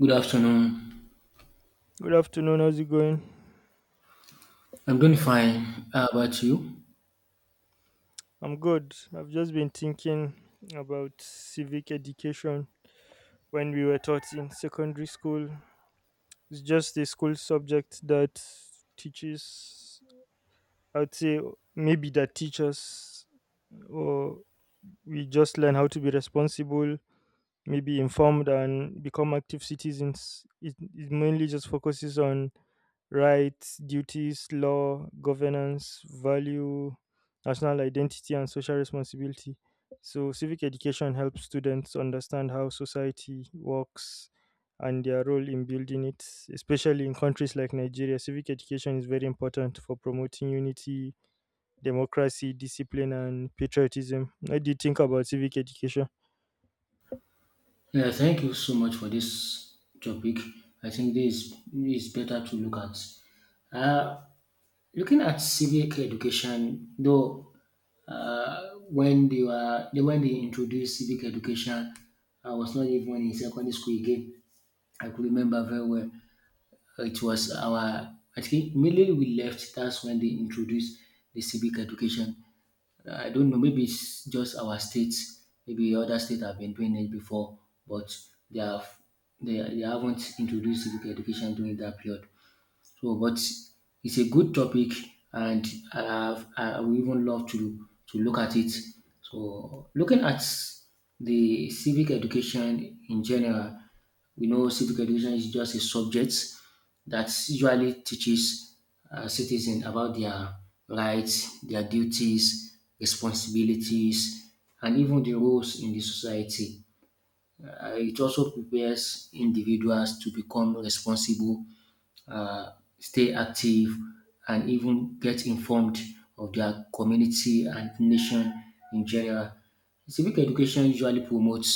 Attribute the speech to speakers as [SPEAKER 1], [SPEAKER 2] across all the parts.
[SPEAKER 1] Good afternoon.
[SPEAKER 2] Good afternoon. How's it going?
[SPEAKER 1] I'm doing fine. How about you?
[SPEAKER 2] I'm good. I've just been thinking about civic education when we were taught in secondary school. It's just a school subject that teaches, I'd say, maybe that teaches, or we just learn how to be responsible, maybe informed and become active citizens. It mainly just focuses on rights, duties, law, governance, value, national identity, and social responsibility. So, civic education helps students understand how society works and their role in building it, especially in countries like Nigeria. Civic education is very important for promoting unity, democracy, discipline, and patriotism. What do you think about civic education?
[SPEAKER 1] Yeah, thank you so much for this topic. I think this is better to look at. Looking at civic education, though, when they introduced civic education, I was not even in secondary school again. I could remember very well. It was I think immediately we left, that's when they introduced the civic education. I don't know, maybe it's just our state, maybe other states have been doing it before, but they have they haven't introduced civic education during that period. So, but it's a good topic, and I would even love to look at it. So, looking at the civic education in general, we know civic education is just a subject that usually teaches citizens about their rights, their duties, responsibilities, and even the roles in the society. It also prepares individuals to become responsible, uh, stay active, and even get informed of their community and nation in general. Civic education usually promotes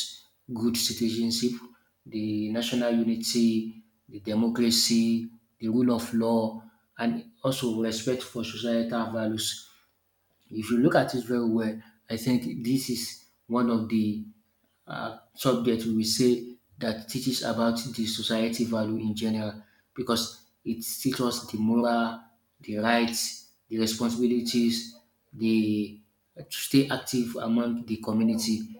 [SPEAKER 1] good citizenship, the national unity, the democracy, the rule of law, and also respect for societal values. If you look at it very well, I think this is one of the subject we will say that teaches about the society value in general, because it teaches us the moral, the rights, the responsibilities, the to stay active among the community.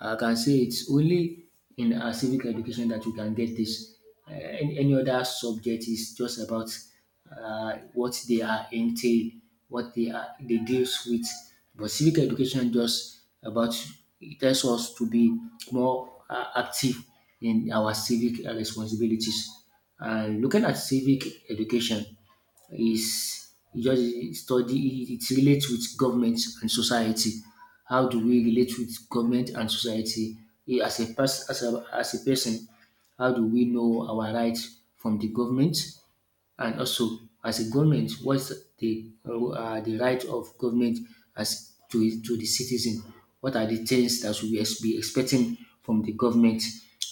[SPEAKER 1] I can say it's only in our civic education that we can get this. Any other subject is just about uh, what they are entail, what they are they deals with. But civic education just about it tells us to be more active in our civic responsibilities. And looking at civic education is it just study it relates with government and society. How do we relate with government and society? As a person, how do we know our rights from the government, and also, as a government, what's the right of government as to the citizen? What are the things that be expecting from the government?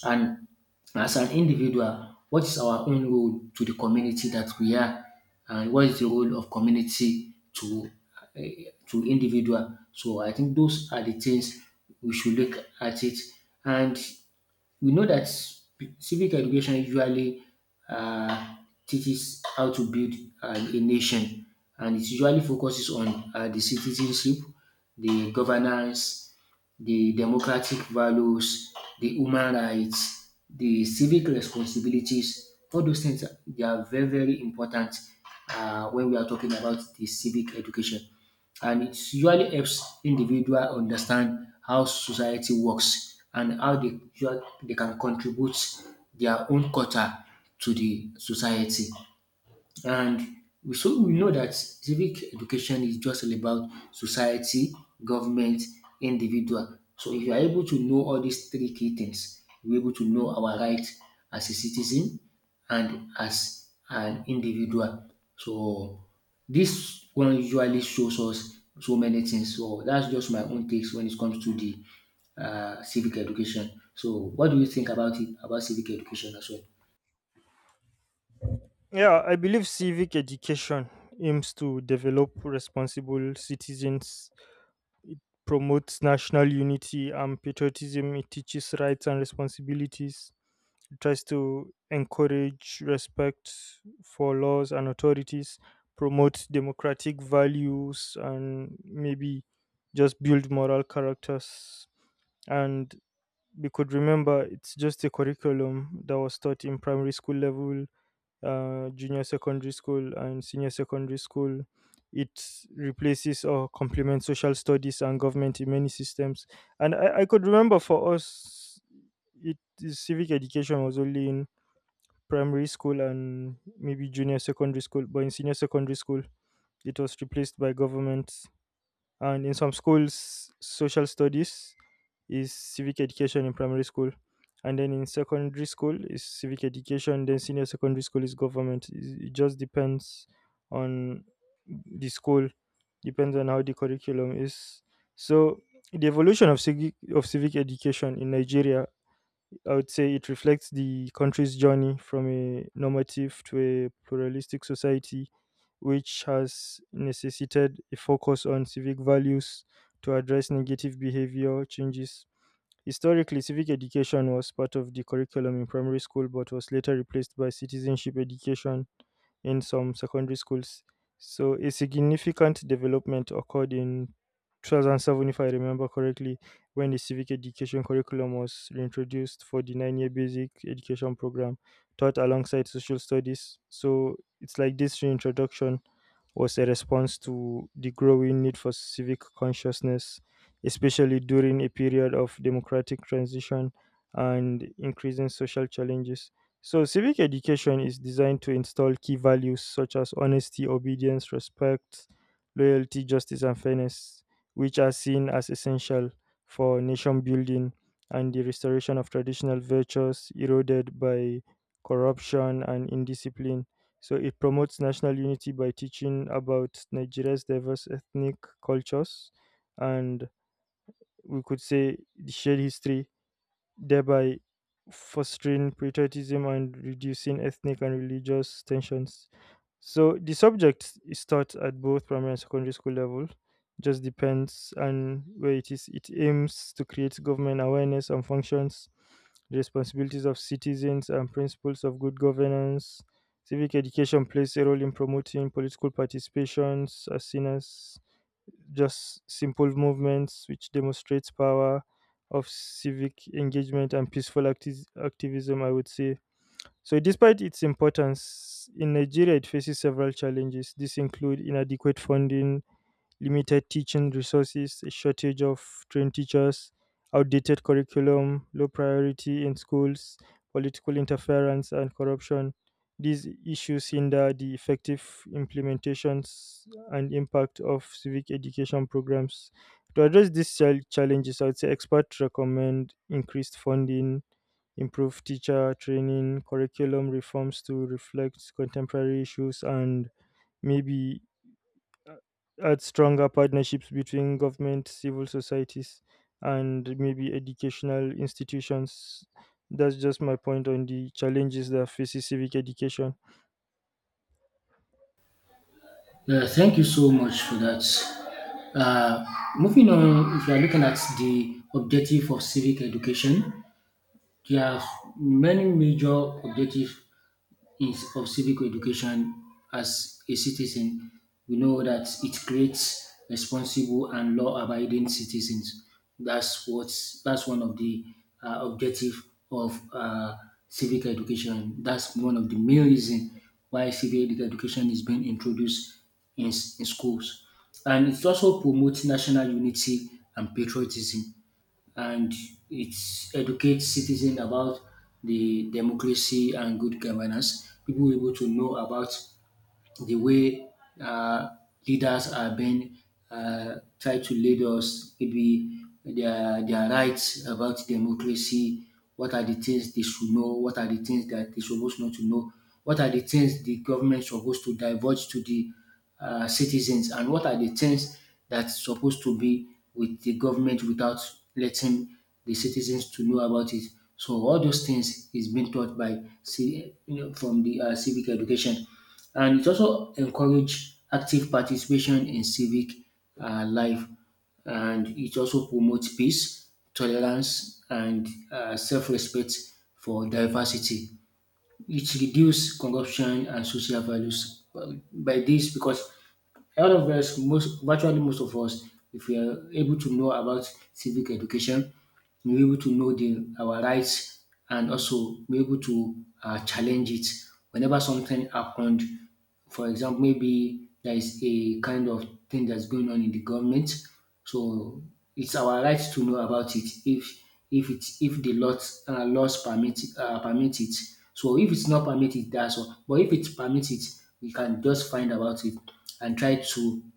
[SPEAKER 1] And as an individual, what is our own role to the community that we are? And what is the role of community uh, to individual? So I think those are the things we should look at it, and we know that civic education usually uh, teaches how to build a nation, and it usually focuses on the citizenship, the governance, the democratic values, the human rights, the civic responsibilities. All those they are very very important, when we are talking about the civic education, and it usually helps individual understand how society works and how they can contribute their own quota to the society. And so we know that civic education is just all about society, government, individual. So if you are able to know all these three key things, we're able to know our rights as a citizen and as an individual. So this one usually shows us so many things. So that's just my own takes when it comes to the civic education. So what do you think about it, about civic education as well?
[SPEAKER 2] Yeah, I believe civic education aims to develop responsible citizens, promotes national unity and patriotism, it teaches rights and responsibilities, it tries to encourage respect for laws and authorities, promotes democratic values, and maybe just build moral characters. And because remember, it's just a curriculum that was taught in primary school level, junior secondary school, and senior secondary school. It replaces or complements social studies and government in many systems. And I could remember for us, it is- civic education was only in primary school and maybe junior secondary school, but in senior secondary school, it was replaced by government, and in some schools social studies is civic education in primary school, and then in secondary school is civic education, then senior secondary school is government. Is- it just depends on the school, depends on how the curriculum is. So the evolution of civic education in Nigeria, I would say it reflects the country's journey from a normative to a pluralistic society, which has necessitated a focus on civic values to address negative behavior changes. Historically, civic education was part of the curriculum in primary school but was later replaced by citizenship education in some secondary schools. So a significant development occurred in 2007, if I remember correctly, when the civic education curriculum was reintroduced for the 9-year basic education program taught alongside social studies. So it's like this reintroduction was a response to the growing need for civic consciousness, especially during a period of democratic transition and increasing social challenges. So, civic education is designed to install key values such as honesty, obedience, respect, loyalty, justice, and fairness, which are seen as essential for nation building and the restoration of traditional virtues eroded by corruption and indiscipline. So it promotes national unity by teaching about Nigeria's diverse ethnic cultures and, we could say, the shared history, thereby fostering patriotism and reducing ethnic and religious tensions. So the subject is taught at both primary and secondary school level. Just depends on where it is. It aims to create government awareness on functions, responsibilities of citizens, and principles of good governance. Civic education plays a role in promoting political participations as seen as just simple movements which demonstrates power of civic engagement and peaceful acti- activism, I would say. So despite its importance in Nigeria, it faces several challenges. This include inadequate funding, limited teaching resources, a shortage of trained teachers, outdated curriculum, low priority in schools, political interference, and corruption. These issues hinder the effective implementations and impact of civic education programs. To address these chal- challenges, I would say experts recommend increased funding, improved teacher training, curriculum reforms to reflect contemporary issues, and maybe add stronger partnerships between government, civil societies, and maybe educational institutions. That's just my point on the challenges that faces civic education.
[SPEAKER 1] Yeah, thank you so much for that. Uh, Moving on, if you are looking at the objective of civic education, there are many major objectives is of civic education. As a citizen, we know that it creates responsible and law-abiding citizens. That's one of the objective of civic education. That's one of the main reason why civic education is being introduced in schools, and it also promotes national unity and patriotism, and it educates citizens about the democracy and good governance. People will be able to know about the way uh, leaders are being, try to lead us, maybe their rights about democracy. What are the things they should know? What are the things that they supposed not to know? What are the things the government supposed to divulge to the citizens? And what are the things that's supposed to be with the government without letting the citizens to know about it? So all those things is being taught from the civic education. And it also encourage active participation in civic life, and it also promotes peace, tolerance, and self respect for diversity. It reduce corruption and social values by this, because all of us, most virtually most of us, if we are able to know about civic education, we're able to know the our rights and also be able to challenge it whenever something happened. For example, maybe there is a kind of thing that's going on in the government. So it's our right to know about it if it if the lot laws permit it. So if it's not permitted, that's all. But if it's permitted, we can just find about it and try to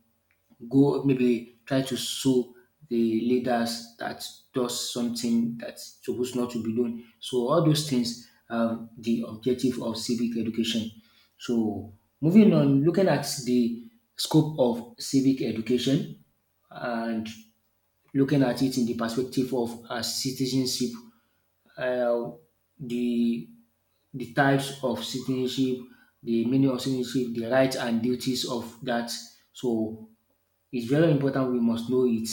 [SPEAKER 1] go maybe try to sue the leaders that does something that's supposed not to be done. So all those things are the objective of civic education. So moving on, looking at the scope of civic education, and looking at it in the perspective of citizenship, uh, the the types of citizenship, the meaning of citizenship, the rights and duties of that. So it's very important we must know it.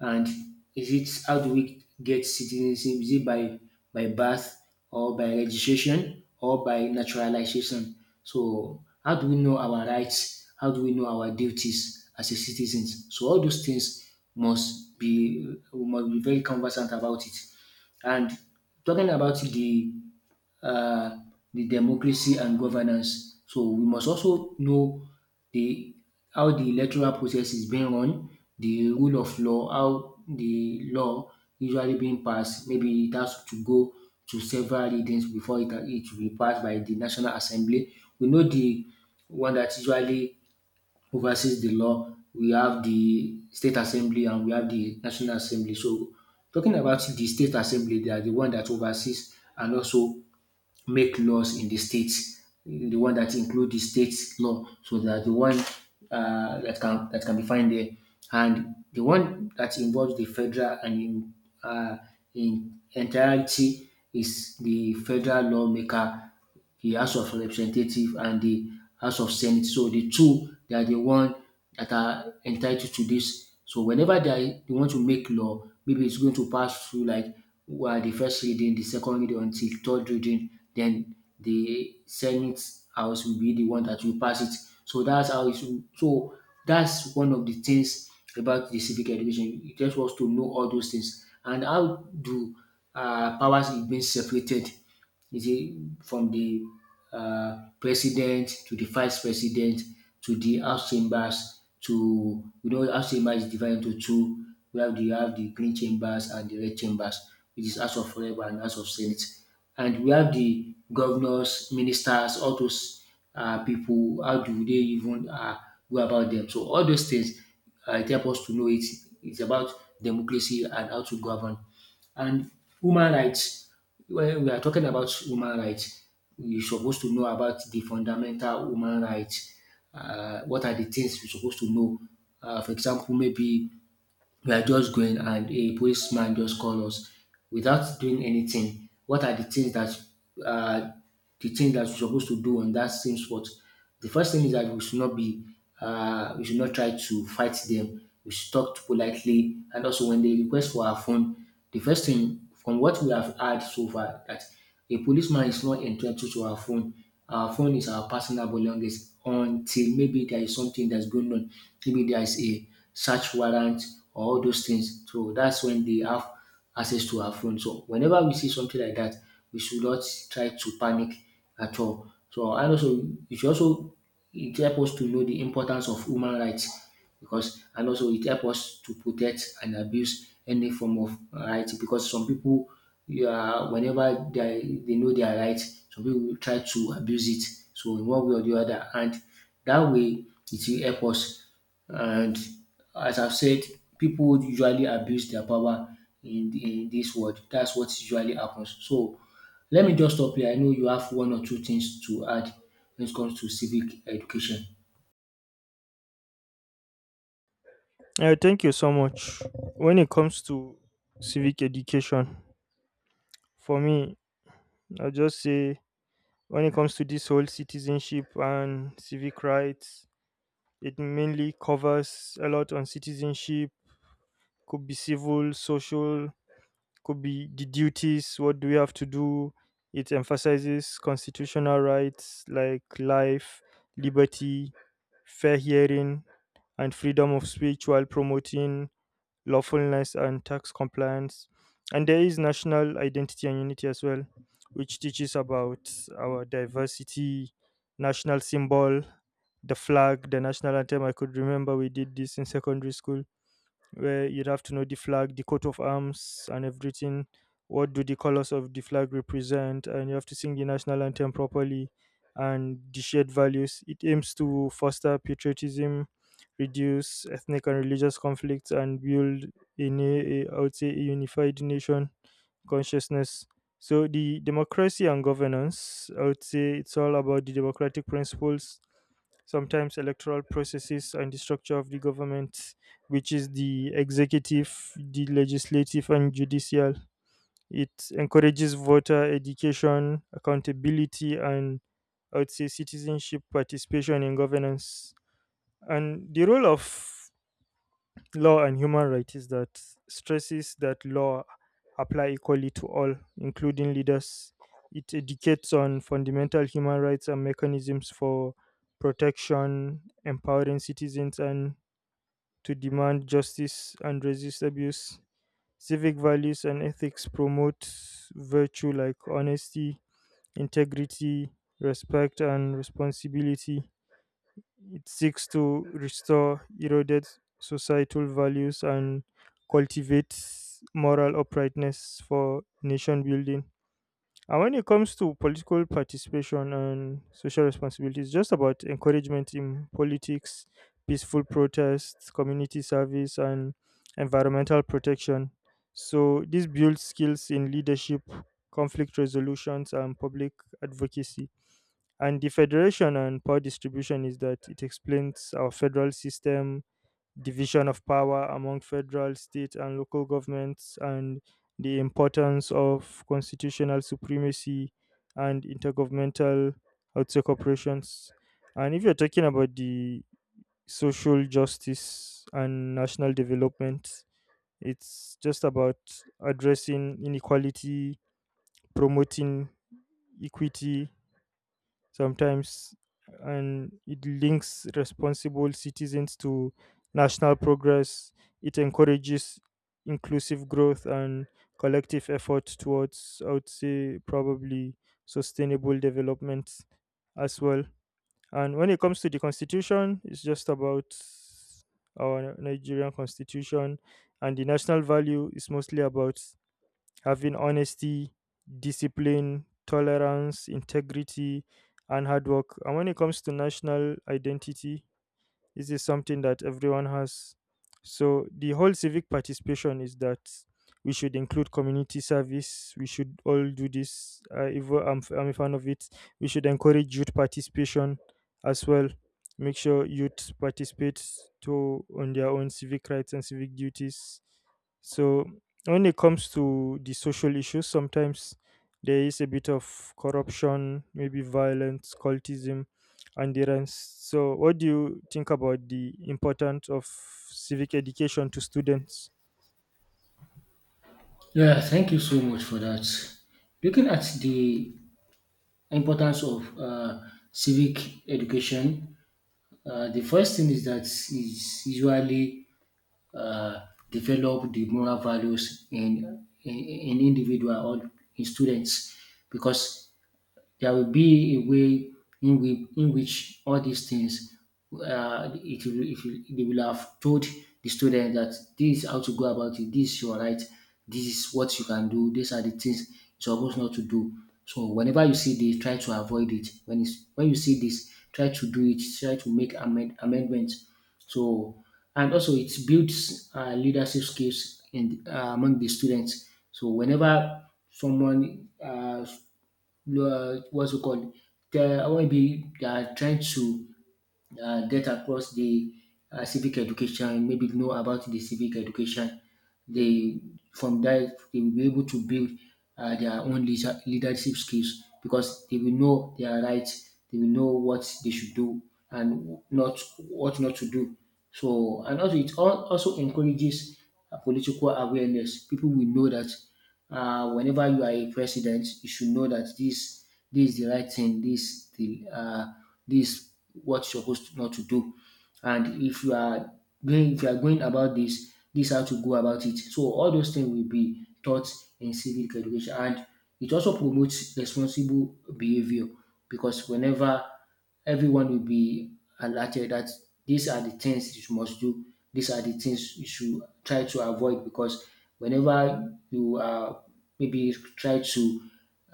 [SPEAKER 1] And is it how do we get citizenship? Is it by birth, or by registration, or by naturalization? So how do we know our rights? How do we know our duties as a citizens? So all those things must be we must be very conversant about it. And talking about the uh, the democracy and governance. So we must also know the how the electoral process is being run, the rule of law, how the law usually being passed. Maybe it has to go to several readings before it will be passed by the National Assembly. We know the one that usually oversees the law. We have the State Assembly and we have the National Assembly. So talking about the State Assembly, they are the one that oversees and also make laws in the states, the one that include the state law. So that the one that can be found there, and the one that involves the federal, and uh, in entirety, is the federal lawmaker, the House of Representative and the House of Senate. So the two, they are the one that are entitled to this. So whenever they want to make law, maybe it's going to pass through, like, well, the first reading, the second reading until third reading, then the Senate House will be the one that will pass it. So that's how it's so that's one of the things about the civic education. It just wants to know all those things and how do powers is being separated, you see, from the president to the vice president to the house chambers, to house chambers is divided into two. We have the you have the green chambers and the red chambers, which is House of Rep and House of Senate. And we have the governors, ministers, all those people. How do they even go about them? So all those things, it help us to know it. It's about democracy and how to govern. And human rights, when we are talking about human rights, we supposed to know about the fundamental human rights. What are the things we supposed to know? For example, maybe we are just going and a policeman just call us without doing anything. What are the things that uh, the things that we're supposed to do on that same spot? The first thing is that we should not be we should not try to fight them. We should talk politely, and also when they request for our phone, the first thing from what we have heard so far that a policeman is not entitled to our phone. Our phone is our personal belongings until maybe there is something that's going on. Maybe there is a search warrant or all those things. So that's when they have access to our phone. So whenever we see something like that, we should not try to panic at all. So, and also, it should also it help us to know the importance of human rights, because and also it helps us to protect and abuse any form of right, because some people, you are whenever they know their right, some people will try to abuse it. So in one way or the other, and that way it will help us. And as I've said, people usually abuse their power in this world. That's what usually happens. So let me just stop here. I know you have one or two things to add when it comes to civic education.
[SPEAKER 2] Thank you so much. When it comes to civic education, for me, I just say when it comes to this whole citizenship and civic rights, it mainly covers a lot on citizenship, could be civil, social, could be the duties, what do we have to do. It emphasizes constitutional rights like life, liberty, fair hearing, and freedom of speech, while promoting lawfulness and tax compliance. And there is national identity and unity as well, which teaches about our diversity, national symbol, the flag, the national anthem. I could remember we did this in secondary school, where you'd have to know the flag, the coat of arms, and everything. What do the colors of the flag represent? And you have to sing the national anthem properly, and the shared values. It aims to foster patriotism, reduce ethnic and religious conflicts, and build in a I would say, a unified nation consciousness. So the democracy and governance, I would say, it's all about the democratic principles, sometimes electoral processes and the structure of the government, which is the executive, the legislative, and judicial. It encourages voter education, accountability, and I would say citizenship participation in governance. And the role of law and human rights is that stresses that law apply equally to all, including leaders. It educates on fundamental human rights and mechanisms for protection, empowering citizens and to demand justice and resist abuse. Civic values and ethics promote virtue like honesty, integrity, respect, and responsibility. It seeks to restore eroded societal values and cultivate moral uprightness for nation building. And when it comes to political participation and social responsibility, it's just about encouragement in politics, peaceful protests, community service, and environmental protection. So, this builds skills in leadership, conflict resolutions, and public advocacy. And the federation and power distribution is that it explains our federal system, division of power among federal, state, and local governments, and the importance of constitutional supremacy and intergovernmental, I would say, corporations. And if you're talking about the social justice and national development, it's just about addressing inequality, promoting equity sometimes, and it links responsible citizens to national progress. It encourages inclusive growth and collective effort towards, I would say probably, sustainable development as well. And when it comes to the constitution, it's just about our Nigerian constitution. And the national value is mostly about having honesty, discipline, tolerance, integrity, and hard work. And when it comes to national identity, this is something that everyone has. So the whole civic participation is that we should include community service. We should all do this. If we're- I'm a fan of it. We should encourage youth participation as well. Make sure youth participate to on their own civic rights and civic duties. So when it comes to the social issues, sometimes there is a bit of corruption, maybe violence, cultism, and the rents. So, what do you think about the importance of civic education to students?
[SPEAKER 1] Yeah, thank you so much for that. Looking at the importance of civic education, the first thing is that is usually uh, develop the moral values in individual or in students because there will be a way in which all these things they will have told the student that this is how to go about it, this is your right, this is what you can do, these are the things you're supposed not to do. So whenever you see this, try to avoid it. When you see this, try to do it, try to make amendments. So and also it builds leadership skills in among the students. So whenever someone what's it called? The maybe they are trying to get across the civic education, maybe know about the civic education. They from that they will be able to build their own leadership skills because they will know their rights, they will know what they should do and not what not to do. So and also it also encourages political awareness. People will know that whenever you are a president, you should know that this is the right thing. This the this what you're supposed to, not to do. And if you are going about this, this how to go about it. So all those things will be taught in civic education, and it also promotes responsible behavior because whenever everyone will be alerted that these are the things you must do, these are the things you should try to avoid because whenever you are maybe try to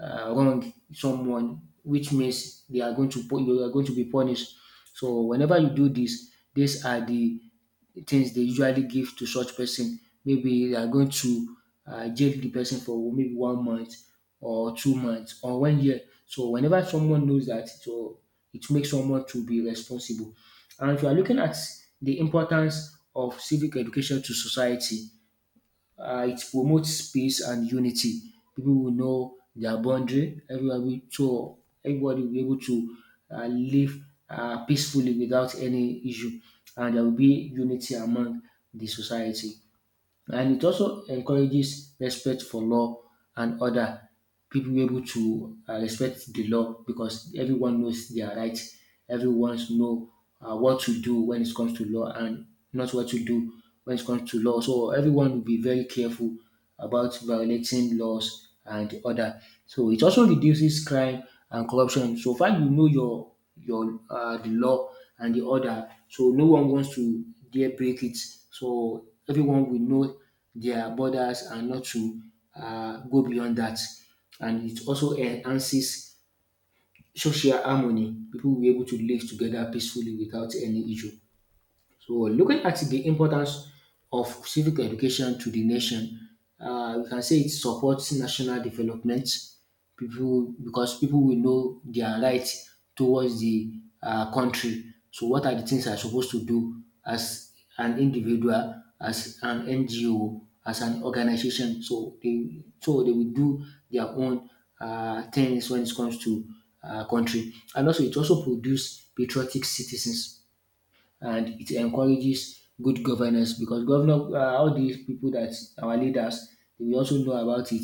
[SPEAKER 1] wrong someone, which means they are going to you are going to be punished. So whenever you do this, these are the things they usually give to such person. Maybe they are going to jail the person for maybe 1 month or 2 months or 1 year. So whenever someone knows that, so it makes someone to be responsible. And if you are looking at the importance of civic education to society, it promotes peace and unity. People will know their boundary. Everybody will be able to live peacefully without any issue, and there will be unity among the society, and it also encourages respect for law and order. People be able to respect the law because everyone knows their rights. Everyone know what to do when it comes to law and not what to do when it comes to law. So everyone will be very careful about violating laws and order. So it also reduces crime and corruption. So far you know your the law and the order, so no one wants to dare break it. So everyone will know their borders and not to go beyond that. And it also enhances social harmony. People will be able to live together peacefully without any issue. So looking at the importance of civic education to the nation, we can say it supports national development. People because people will know their rights towards the country. So what are the things I'm supposed to do as an individual, as an NGO, as an organization? So they will do their own things when it comes to country, and also it also produce patriotic citizens, and it encourages good governance because governor all these people that our leaders, they will also know about it.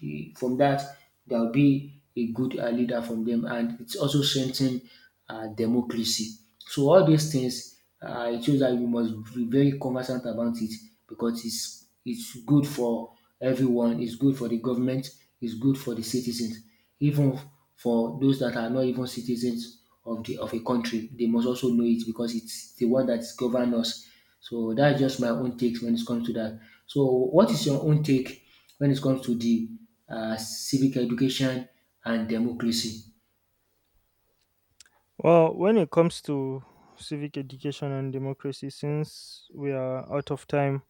[SPEAKER 1] From that there will be a good leader from them, and it's also strengthen democracy. So all these things it shows that you must be very conversant about it because it's good for everyone, it's good for the government, it's good for the citizens, even for those that are not even citizens of the of a country, they must also know it because it's the one that governs us. So that's just my own take when it comes to that. So what is your own take when it comes to the civic education and democracy?
[SPEAKER 2] Well, when it comes to civic education and democracy, since we are out of time,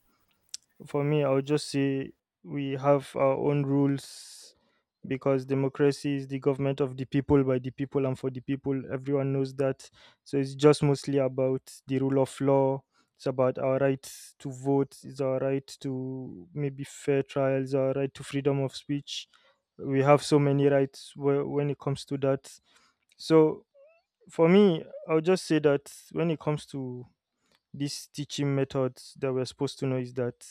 [SPEAKER 2] for me, I would just say we have our own rules, because democracy is the government of the people, by the people, and for the people. Everyone knows that. So it's just mostly about the rule of law. It's about our right to vote. It's our right to maybe fair trials. Our right to freedom of speech. We have so many rights whe- when it comes to that. So for me, I'll just say that when it comes to these teaching methods that we're supposed to know is that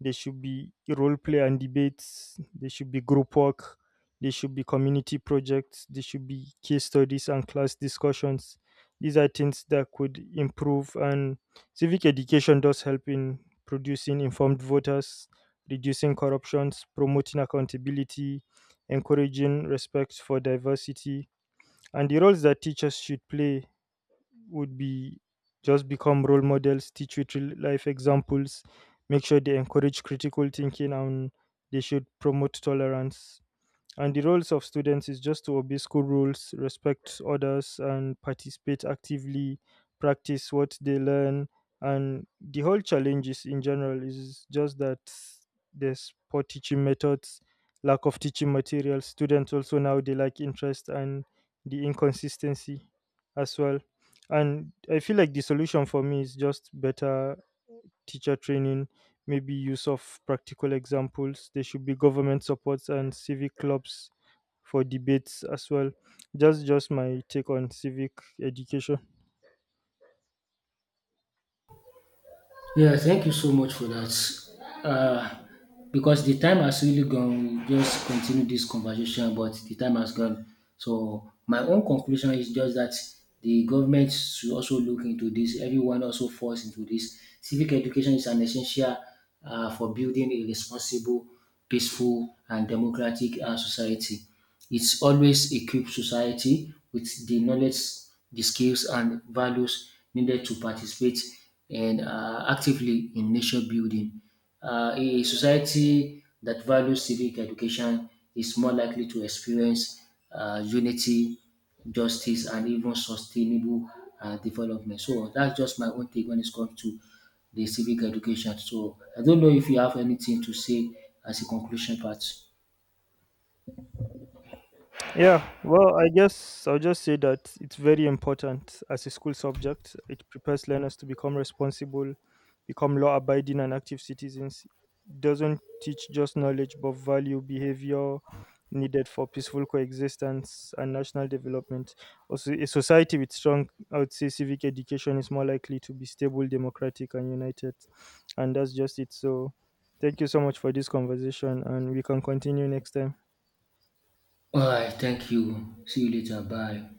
[SPEAKER 2] there should be role play and debates. There should be group work. There should be community projects. There should be case studies and class discussions. These are things that could improve. And civic education does help in producing informed voters, reducing corruptions, promoting accountability, encouraging respect for diversity, and the roles that teachers should play would be just become role models, teach with real life examples, make sure they encourage critical thinking, and they should promote tolerance. And the roles of students is just to obey school rules, respect others, and participate actively, practice what they learn. And the whole challenge is in general is just that there's poor teaching methods, lack of teaching materials. Students also now they lack interest and the inconsistency as well. And I feel like the solution for me is just better teacher training, maybe use of practical examples. There should be government supports and civic clubs for debates as well. Just my take on civic education.
[SPEAKER 1] Yeah, thank you so much for that. Uh, because the time has really gone, we just continue this conversation, but the time has gone. So my own conclusion is just that the government should also look into this. Everyone also falls into this. Civic education is an essential for building a responsible, peaceful, and democratic society. It's always equipped society with the knowledge, the skills, and values needed to participate and actively in nation building. A society that values civic education is more likely to experience unity, justice, and even sustainable development. So that's just my own take when it comes to the civic education. So I don't know if you have anything to say as a conclusion part.
[SPEAKER 2] Yeah, well, I guess I'll just say that it's very important as a school subject. It prepares learners to become responsible, become law abiding, and active citizens. It doesn't teach just knowledge, but value, behavior needed for peaceful coexistence and national development. Also, a society with strong, I would say, civic education is more likely to be stable, democratic, and united. And that's just it. So, thank you so much for this conversation, and we can continue next time.
[SPEAKER 1] All right, thank you. See you later. Bye.